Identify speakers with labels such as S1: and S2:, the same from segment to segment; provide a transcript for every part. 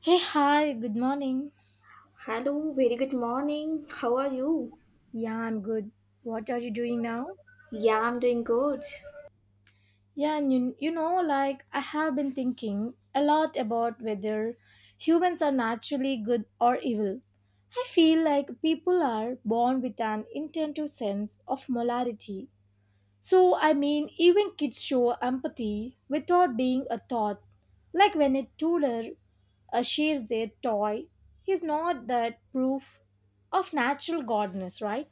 S1: Hey, hi, good morning.
S2: Hello, very good morning. How are you?
S1: Yeah, I'm good. What are you doing now?
S2: Yeah, I'm doing good.
S1: Yeah, and like I have been thinking a lot about whether humans are naturally good or evil. I feel like people are born with an intuitive sense of molarity. So, even kids show empathy without being a thought. Like when a toddler shares their toy, he's not that proof of natural godness, right?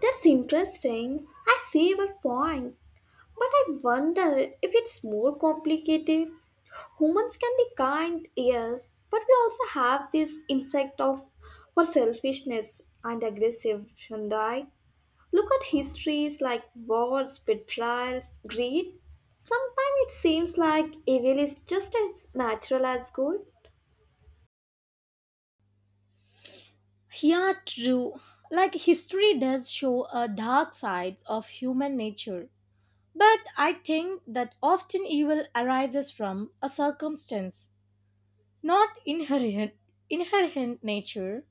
S2: That's interesting. I see your point. But I wonder if it's more complicated. Humans can be kind, yes, but we also have this insect of for selfishness and aggression, right? Look at histories like wars, betrayals, greed. Sometimes it seems like evil is just as natural as good.
S1: Yeah, true. Like history does show a dark sides of human nature. But I think that often evil arises from a circumstance, not inherent nature.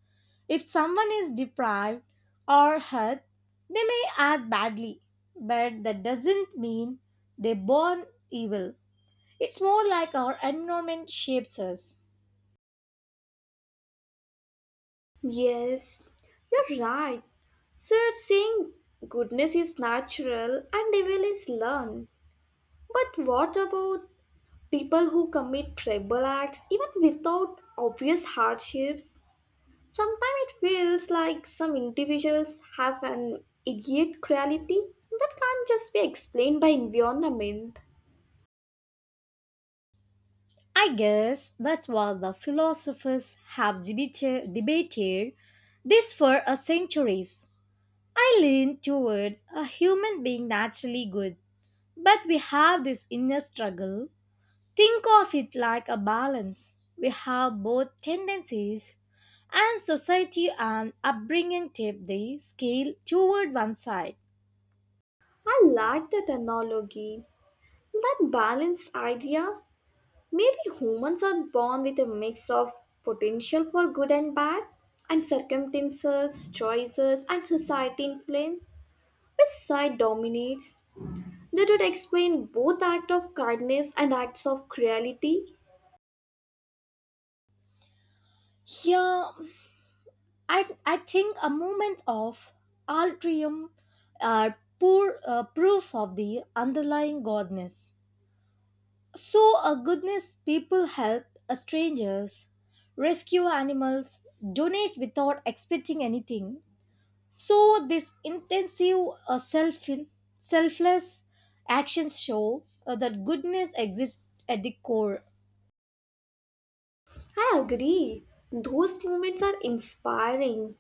S1: If someone is deprived or hurt, they may act badly, but that doesn't mean they born evil. It's more like our environment shapes us.
S2: Yes, you're right. So you're saying goodness is natural and evil is learned. But what about people who commit terrible acts even without obvious hardships? Sometimes it feels like some individuals have an idiot cruelty that can't just be explained by environment.
S1: I guess that's what the philosophers have debated this for a centuries. I lean towards a human being naturally good, but we have this inner struggle. Think of it like a balance. We have both tendencies, and society and upbringing tip the scale toward one side.
S2: I like that analogy, that balance idea. Maybe humans are born with a mix of potential for good and bad, and circumstances, choices, and society influence, which side dominates. That would explain both acts of kindness and acts of cruelty.
S1: Yeah, I think a moment of altruism are poor proof of the underlying godness. So, a goodness people help strangers, rescue animals, donate without expecting anything. So, this intensive uh, self selfless actions show that goodness exists at the core.
S2: I agree. Those moments are inspiring.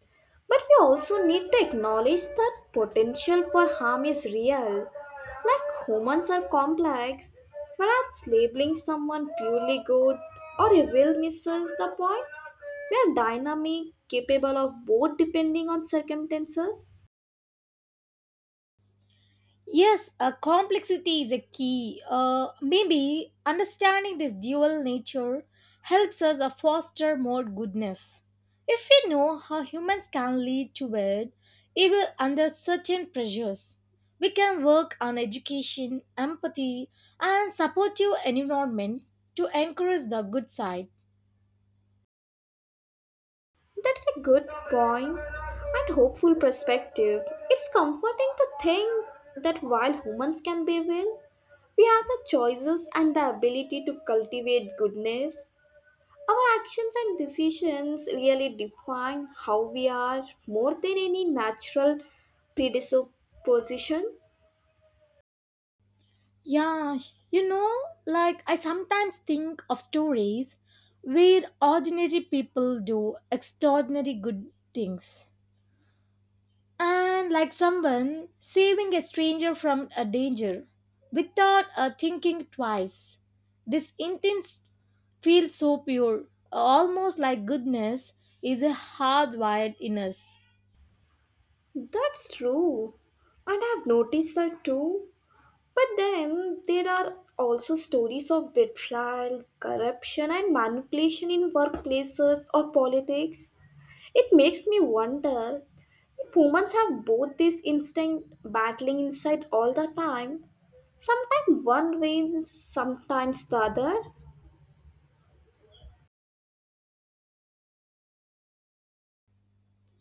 S2: But we also need to acknowledge that potential for harm is real. Like humans are complex, perhaps labeling someone purely good or evil misses the point. We are dynamic, capable of both depending on circumstances.
S1: Yes, complexity is a key. Maybe understanding this dual nature helps us foster more goodness. If we know how humans can lead to it, even under certain pressures, we can work on education, empathy, and supportive environments to encourage the good side.
S2: That's a good point and hopeful perspective. It's comforting to think that while humans can be evil, we have the choices and the ability to cultivate goodness. Our actions and decisions really define how we are more than any natural predisposition.
S1: Yeah, you know, like I sometimes think of stories where ordinary people do extraordinary good things. And like someone saving a stranger from a danger without thinking twice. This intent feels so pure, almost like goodness is a hardwired in us.
S2: That's true. And I've noticed that too. But then there are also stories of betrayal, corruption, and manipulation in workplaces or politics. It makes me wonder if humans have both these instincts battling inside all the time. Sometimes one wins, sometimes the other.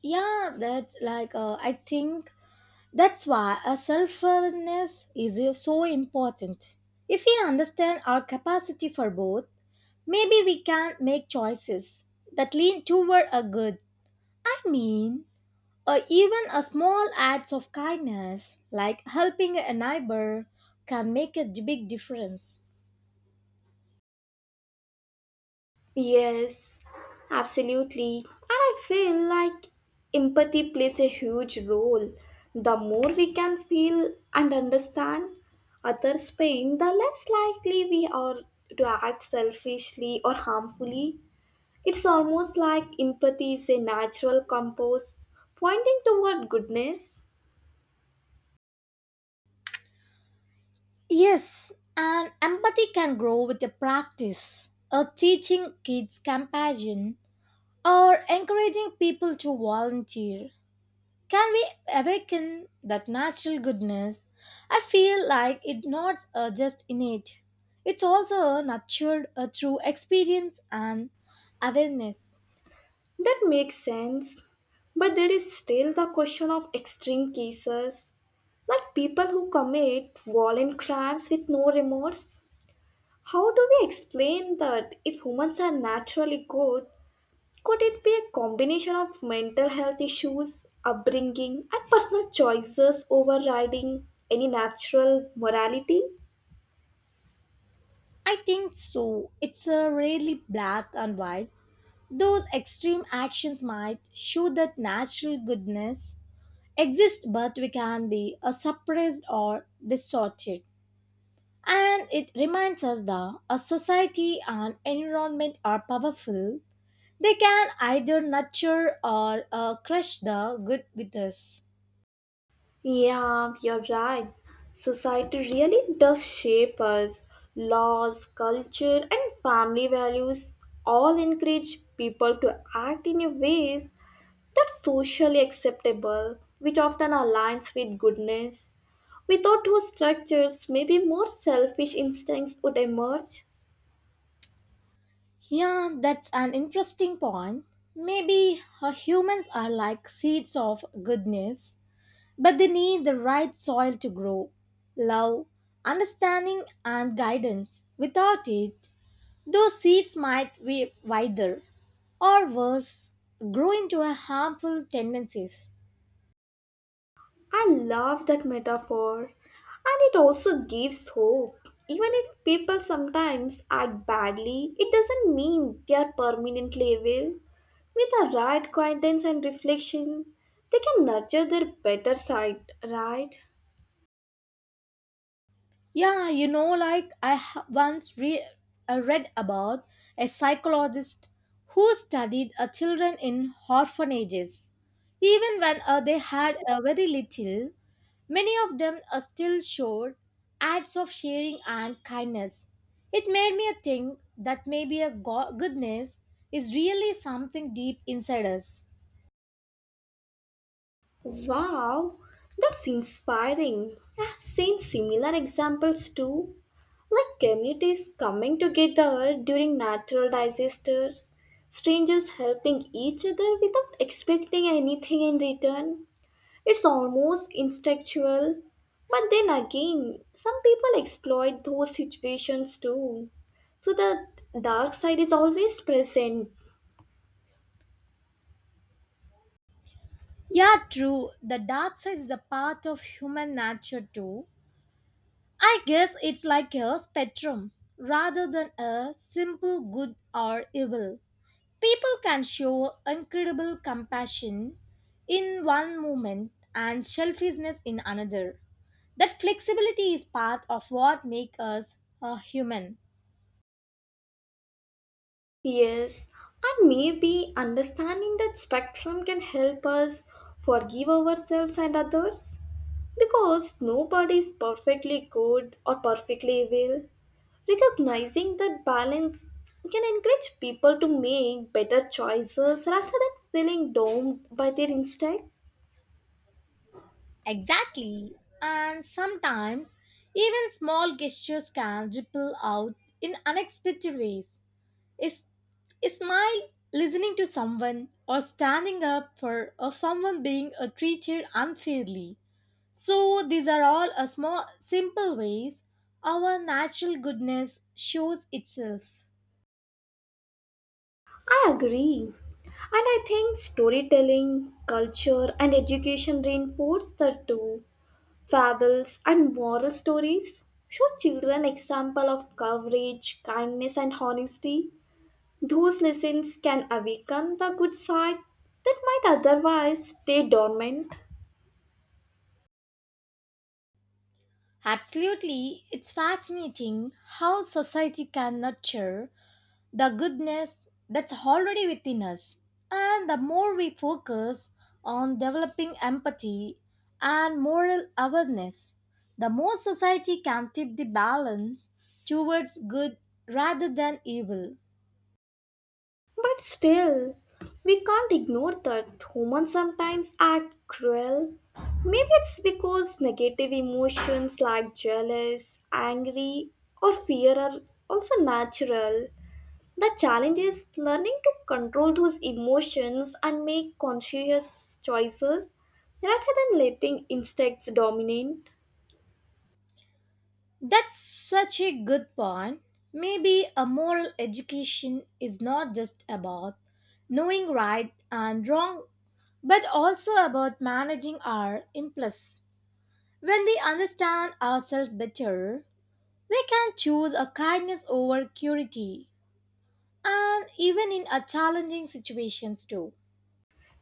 S1: Yeah, that's like I think that's why a self-awareness is so important. If we understand our capacity for both, maybe we can make choices that lean toward a good. I mean, or even a small acts of kindness, like helping a neighbor, can make a big difference.
S2: Yes, absolutely. And I feel like empathy plays a huge role. The more we can feel and understand others' pain, the less likely we are to act selfishly or harmfully. It's almost like empathy is a natural compass pointing toward goodness.
S1: Yes, and empathy can grow with the practice of teaching kids compassion or encouraging people to volunteer. Can we awaken that natural goodness? I feel like it's not just innate. It's also nurtured through experience and awareness.
S2: That makes sense. But there is still the question of extreme cases, like people who commit violent crimes with no remorse. How do we explain that if humans are naturally good, could it be a combination of mental health issues, upbringing, and personal choices overriding any natural morality?
S1: I think so. It's rarely black and white. Those extreme actions might show that natural goodness exists, but we can be suppressed or distorted. And it reminds us that a society and environment are powerful. They can either nurture or crush the good with us.
S2: Yeah, you're right. Society really does shape us. Laws, culture, and family values all encourage people to act in a ways that's socially acceptable, which often aligns with goodness. Without those structures, maybe more selfish instincts would emerge.
S1: Yeah, that's an interesting point. Maybe humans are like seeds of goodness, but they need the right soil to grow. Love, understanding, and guidance. Without it, those seeds might be withered or worse, grow into a harmful tendencies.
S2: I love that metaphor, and it also gives hope. Even if people sometimes act badly, it doesn't mean they are permanently evil. With the right guidance and reflection, they can nurture their better side, right?
S1: Yeah, like I ha- once re- read about a psychologist who studied children in orphanages. Even when they had very little, many of them still showed acts of sharing and kindness. It made me think that maybe goodness is really something deep inside us.
S2: Wow, that's inspiring. I have seen similar examples too, like communities coming together during natural disasters, strangers helping each other without expecting anything in return. It's almost instinctual. But then again, some people exploit those situations too. So the dark side is always present.
S1: Yeah, true. The dark side is a part of human nature too. I guess it's like a spectrum rather than a simple good or evil. People can show incredible compassion in one moment and selfishness in another. That flexibility is part of what makes us a human.
S2: Yes, and maybe understanding that spectrum can help us forgive ourselves and others. Because nobody is perfectly good or perfectly evil. Recognizing that balance can encourage people to make better choices rather than feeling doomed by their instinct.
S1: Exactly. And sometimes even small gestures can ripple out in unexpected ways. Is a smile listening to someone or standing up for or someone being treated unfairly. So these are all a small simple ways our natural goodness shows itself.
S2: I agree. And I think storytelling, culture, and education reinforce the two. Fables, and moral stories show children example of courage, kindness, and honesty. Those lessons can awaken the good side that might otherwise stay dormant.
S1: Absolutely, it's fascinating how society can nurture the goodness that's already within us. And the more we focus on developing empathy and moral awareness, the more society can tip the balance towards good rather than evil.
S2: But still, we can't ignore that humans sometimes act cruel. Maybe it's because negative emotions like jealous, angry, or fear are also natural. The challenge is learning to control those emotions and make conscious choices rather than letting instincts dominate.
S1: That's such a good point. Maybe a moral education is not just about knowing right and wrong, but also about managing our impulse. When we understand ourselves better, we can choose a kindness over cruelty, and even in a challenging situations too.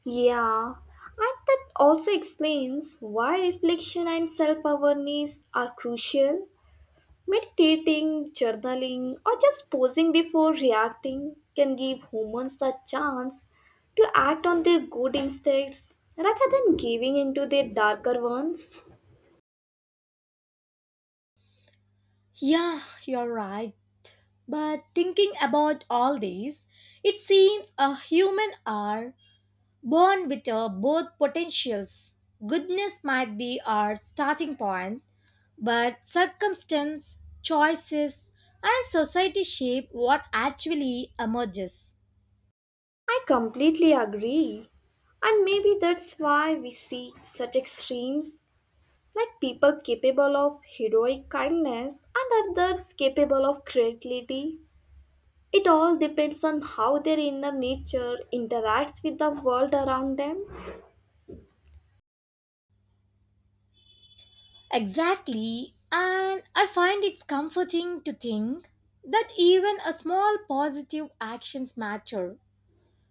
S2: Yeah, and that also explains why reflection and self awareness are crucial. Meditating, journaling, or just pausing before reacting can give humans the chance to act on their good instincts rather than giving into their darker ones.
S1: Yeah, you're right. But thinking about all these, it seems a human are born with both potentials. Goodness might be our starting point, but circumstance, choices, and society shape what actually emerges.
S2: I completely agree. And maybe that's why we see such extremes like people capable of heroic kindness and others capable of creativity. It all depends on how their inner nature interacts with the world around them.
S1: Exactly, and I find it's comforting to think that even a small positive actions matter.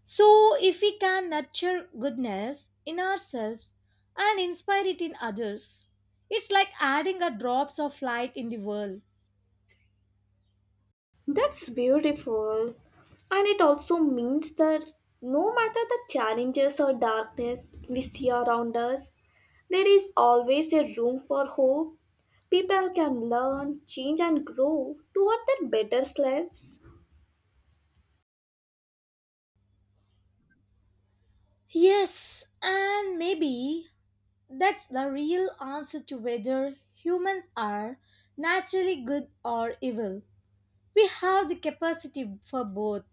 S1: So, if we can nurture goodness in ourselves and inspire it in others, it's like adding a drops of light in the world.
S2: That's beautiful. And it also means that no matter the challenges or darkness we see around us, there is always a room for hope. People can learn, change, and grow toward their better selves.
S1: Yes, and maybe that's the real answer to whether humans are naturally good or evil. We have the capacity for both.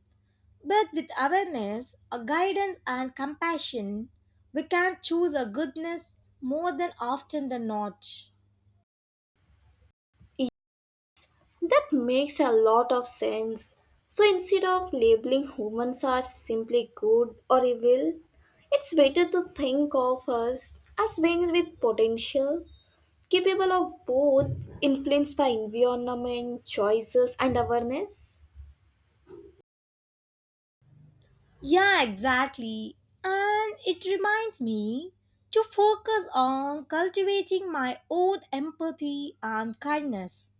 S1: But with awareness, a guidance, and compassion, we can choose a goodness more than often than not.
S2: That makes a lot of sense. So instead of labeling humans as simply good or evil, it's better to think of us as beings with potential capable of both influence by environment, choices, and awareness?
S1: Yeah, exactly. And it reminds me to focus on cultivating my own empathy and kindness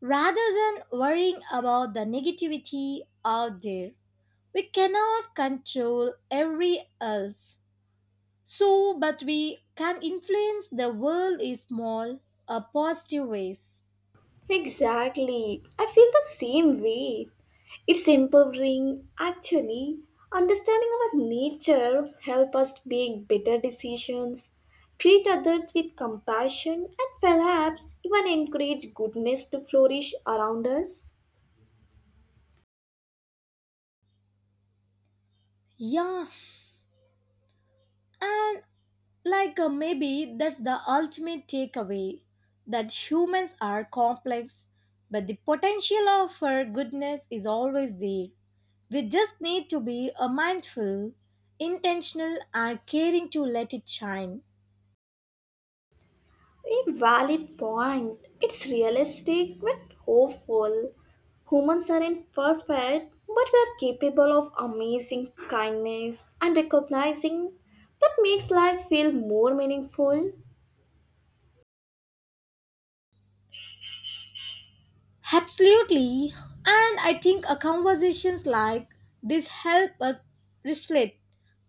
S1: rather than worrying about the negativity out there. We cannot control every else. So, but we can influence the world in small, positive ways.
S2: Exactly. I feel the same way. It's empowering, actually. Understanding our nature help us make better decisions, treat others with compassion, and perhaps even encourage goodness to flourish around us.
S1: Yeah, and like maybe that's the ultimate takeaway that humans are complex, but the potential of our goodness is always there. We just need to be mindful, intentional, and caring to let it shine.
S2: A valid point. It's realistic but hopeful. Humans are imperfect, but we are capable of amazing kindness and recognizing that makes life feel more meaningful.
S1: Absolutely. And I think a conversations like this help us reflect,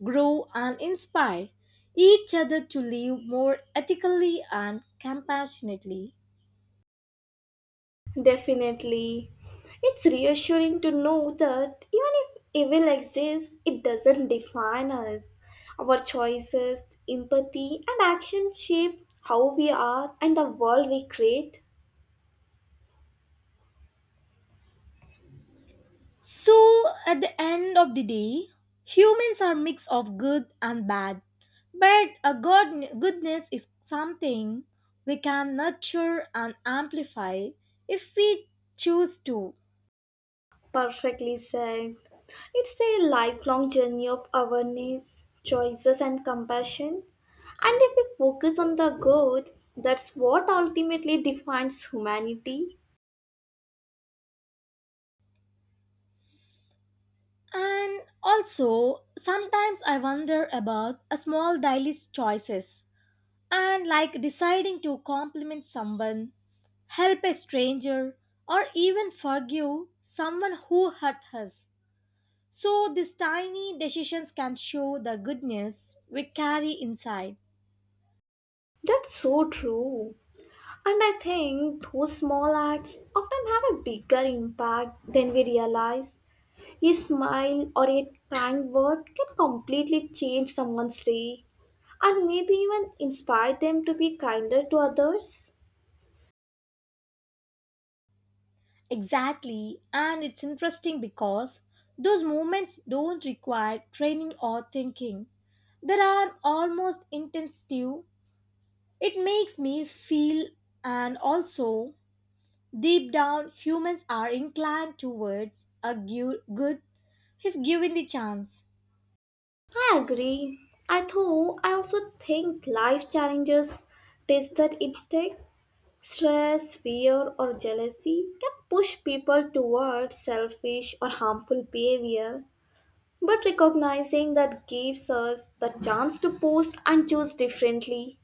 S1: grow and inspire each other to live more ethically and compassionately.
S2: Definitely. It's reassuring to know that even if evil exists, it doesn't define us. Our choices, empathy, and action shape how we are and the world we create.
S1: So at the end of the day, humans are mix of good and bad, but goodness is something we can nurture and amplify if we choose to.
S2: Perfectly said. It's a lifelong journey of awareness, choices, and compassion. And if we focus on the good, that's what ultimately defines humanity.
S1: And also, sometimes I wonder about a small daily choices and like deciding to compliment someone, help a stranger, or even forgive someone who hurt us. So, these tiny decisions can show the goodness we carry inside.
S2: That's so true. And I think those small acts often have a bigger impact than we realize. A smile or a kind word can completely change someone's day and maybe even inspire them to be kinder to others.
S1: Exactly, and it's interesting because those moments don't require training or thinking. They are almost instinctive. It makes me feel, and also deep down, humans are inclined towards good if given the chance.
S2: I agree. I though I also think life challenges test that instinct. Stress, fear, or jealousy can push people towards selfish or harmful behavior. But recognizing that gives us the chance to pause and choose differently.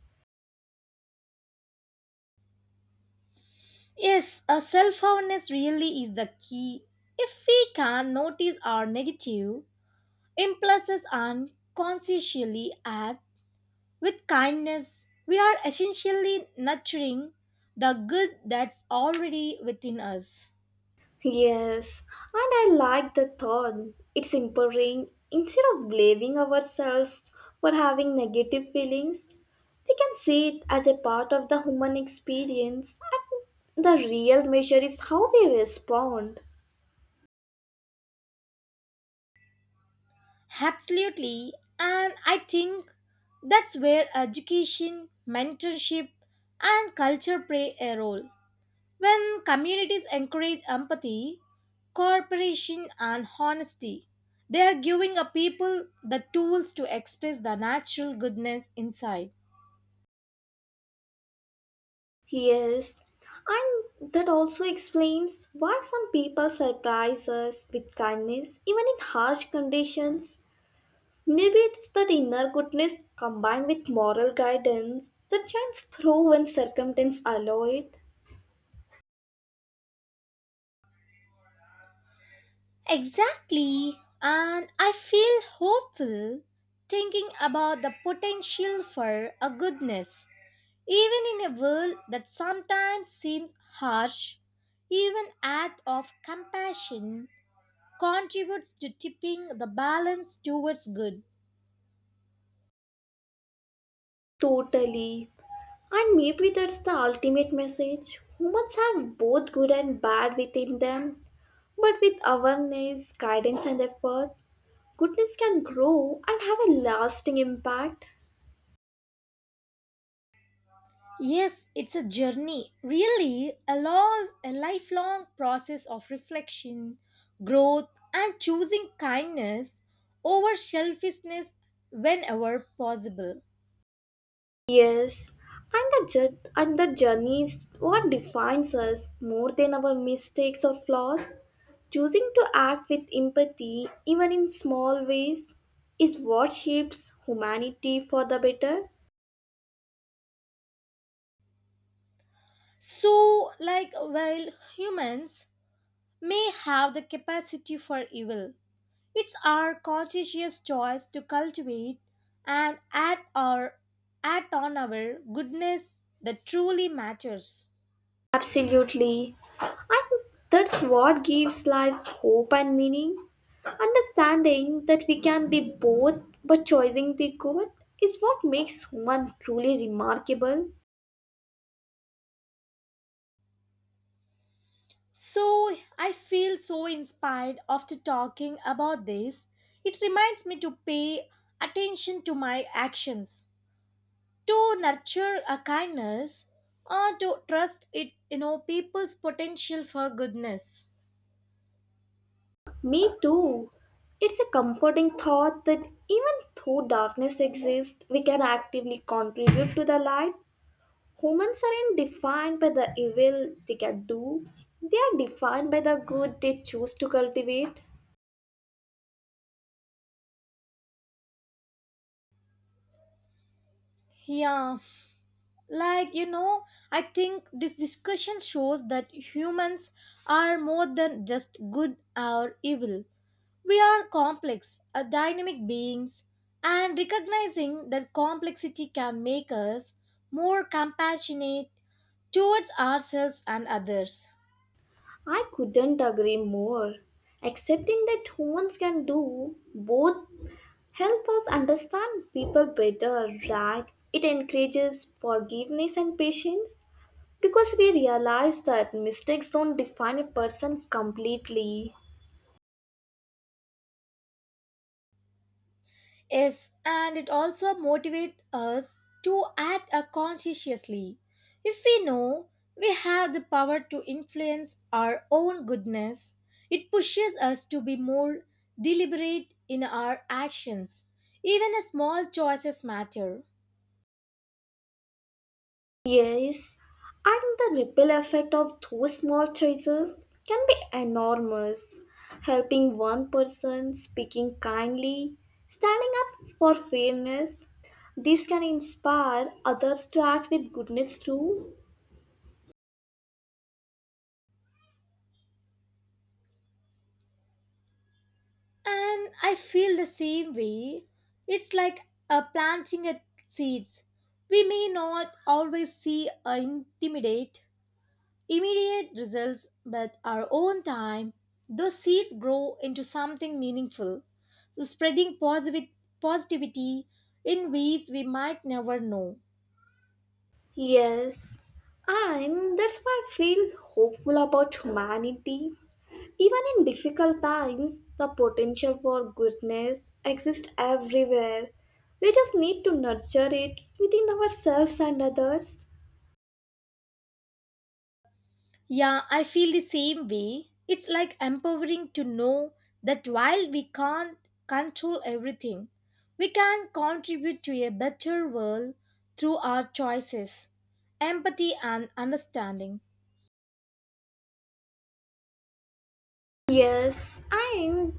S1: Yes, a self awareness really is the key. If we can notice our negative impulses and consciously act with kindness, we are essentially nurturing the good that's already within us.
S2: Yes, and I like the thought. It's empowering. Instead of blaming ourselves for having negative feelings, we can see it as a part of the human experience. The real measure is how we respond.
S1: Absolutely. And I think that's where education, mentorship, and culture play a role. When communities encourage empathy, cooperation, and honesty, they are giving a people the tools to express the natural goodness inside.
S2: Yes, and that also explains why some people surprise us with kindness even in harsh conditions. Maybe it's that inner goodness combined with moral guidance that shines through when circumstances allow it.
S1: Exactly. And I feel hopeful thinking about the potential for a goodness. Even in a world that sometimes seems harsh, even act of compassion contributes to tipping the balance towards good.
S2: Totally. And maybe that's the ultimate message. Humans have both good and bad within them, but with awareness, guidance, and effort, goodness can grow and have a lasting impact.
S1: Yes, it's a journey, really a long, a lifelong process of reflection, growth, and choosing kindness over selfishness whenever possible.
S2: Yes, and the journey is what defines us more than our mistakes or flaws. Choosing to act with empathy, even in small ways, is what shapes humanity for the better.
S1: So, like while humans may have the capacity for evil, it's our conscientious choice to cultivate and act on our goodness that truly matters.
S2: Absolutely. And that's what gives life hope and meaning. Understanding that we can be both but choosing the good is what makes human truly remarkable.
S1: So I feel so inspired after talking about this. It reminds me to pay attention to my actions, to nurture a kindness, or to trust it, people's potential for goodness.
S2: Me too. It's a comforting thought that even though darkness exists, we can actively contribute to the light. Humans aren't defined by the evil they can do, they are defined by the good they choose to cultivate.
S1: Yeah, like I think this discussion shows that humans are more than just good or evil. We are complex dynamic beings, and recognizing that complexity can make us more compassionate towards ourselves and others.
S2: I couldn't agree more. Accepting that humans can do both help us understand people better, right? It encourages forgiveness and patience because we realize that mistakes don't define a person completely.
S1: Yes, and it also motivates us to act conscientiously. If we know we have the power to influence our own goodness, it pushes us to be more deliberate in our actions. Even a small choices matter.
S2: Yes, and the ripple effect of those small choices can be enormous. Helping one person, speaking kindly, standing up for fairness, this can inspire others to act with goodness too.
S1: And I feel the same way. It's like planting a seeds. We may not always see intimidate immediate results, but our own time, those seeds grow into something meaningful, spreading positive positivity in ways we might never know.
S2: Yes, and that's why I feel hopeful about humanity. Even in difficult times, the potential for goodness exists everywhere. We just need to nurture it within ourselves and others.
S1: Yeah, I feel the same way. It's like empowering to know that while we can't control everything, we can contribute to a better world through our choices, empathy, and understanding.
S2: Yes, and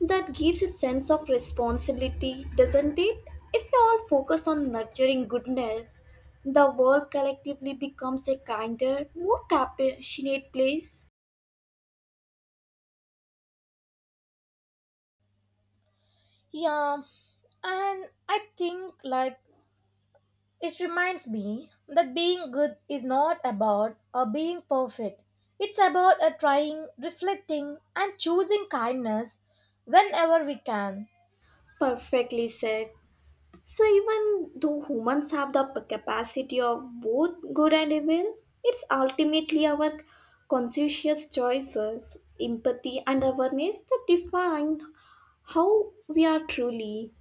S2: that gives a sense of responsibility, doesn't it? If we all focus on nurturing goodness, the world collectively becomes a kinder, more compassionate place.
S1: Yeah, and I think like it reminds me that being good is not about being perfect. It's about trying, reflecting, and choosing kindness whenever we can.
S2: Perfectly said. So, even though humans have the capacity of both good and evil, it's ultimately our conscious choices, empathy, and awareness that define how we are truly.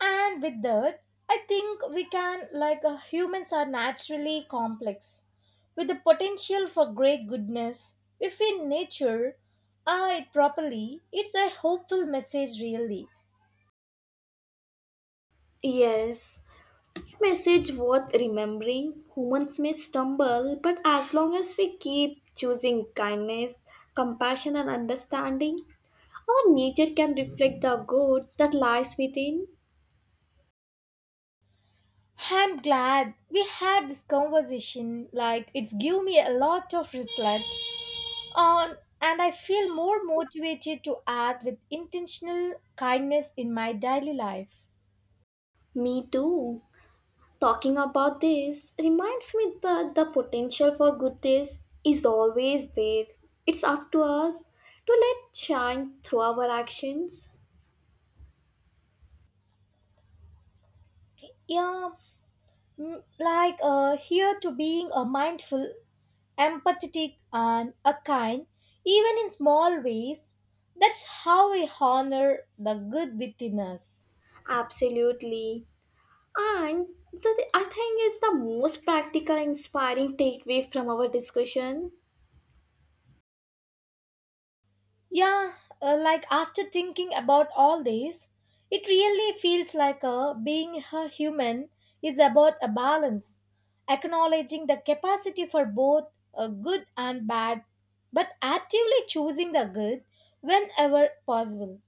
S1: And with that, I think we can, like humans are naturally complex, with the potential for great goodness. If we nature it properly, it's a hopeful message, really.
S2: Yes, message worth remembering. Humans may stumble, but as long as we keep choosing kindness, compassion, and understanding, our nature can reflect the good that lies within.
S1: I'm glad we had this conversation. Like, it's give me a lot of reflect. Um, and I feel more motivated to act with intentional kindness in my daily life.
S2: Me too. Talking about this reminds me that the potential for good days is always there. It's up to us to let shine through our actions.
S1: Yeah, like here to being a mindful, empathetic, and a kind, even in small ways. That's how we honor the good within us.
S2: Absolutely. And I think it's the most practical and inspiring takeaway from our discussion.
S1: Yeah, like after thinking about all this, it really feels like being a human is about a balance, acknowledging the capacity for both good and bad, but actively choosing the good whenever possible.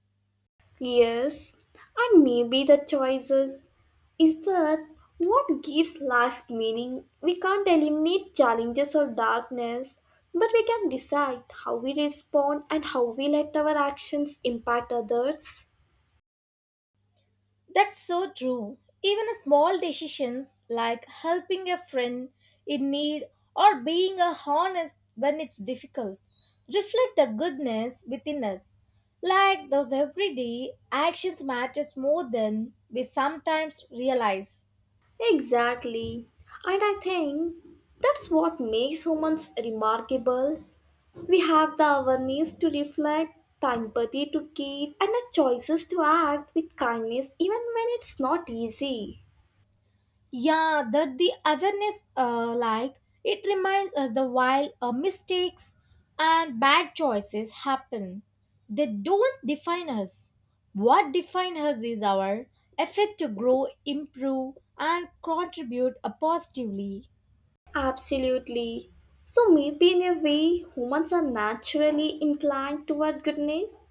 S2: Yes, and maybe the choices is that what gives life meaning. We can't eliminate challenges or darkness, but we can decide how we respond and how we let our actions impact others.
S1: That's so true. Even small decisions like helping a friend in need or being a honest when it's difficult reflect the goodness within us. Like those everyday actions matters more than we sometimes realize.
S2: Exactly. And I think that's what makes humans remarkable. We have the awareness to reflect, the empathy to care, and the choices to act with kindness even when it's not easy.
S1: Yeah, that the awareness, like it reminds us that while mistakes and bad choices happen, they don't define us. What defines us is our effort to grow, improve, and contribute positively.
S2: Absolutely. So, maybe in a way, humans are naturally inclined toward goodness,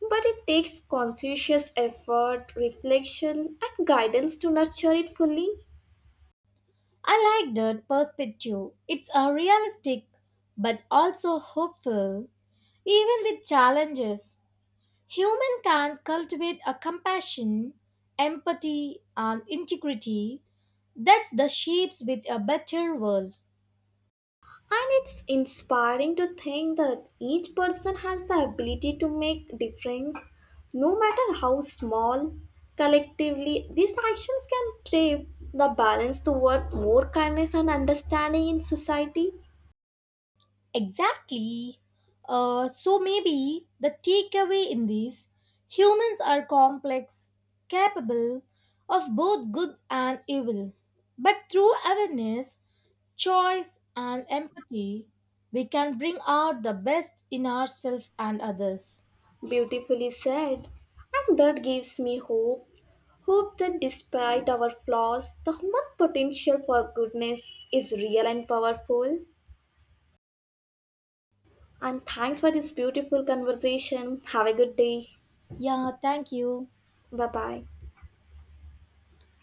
S2: but it takes conscientious effort, reflection, and guidance to nurture it fully.
S1: I like that perspective. It's realistic but also hopeful, even with challenges. Human can cultivate a compassion, empathy, and integrity that's the shapes with a better world.
S2: And it's inspiring to think that each person has the ability to make difference, no matter how small. Collectively, these actions can shape the balance toward more kindness and understanding in society.
S1: Exactly. So maybe the takeaway in this humans are complex, capable of both good and evil. But through awareness, choice, and empathy, we can bring out the best in ourselves and others.
S2: Beautifully said. And that gives me hope. Hope that despite our flaws, the human potential for goodness is real and powerful. And thanks for this beautiful conversation. Have a good day.
S1: Yeah, thank you.
S2: Bye bye.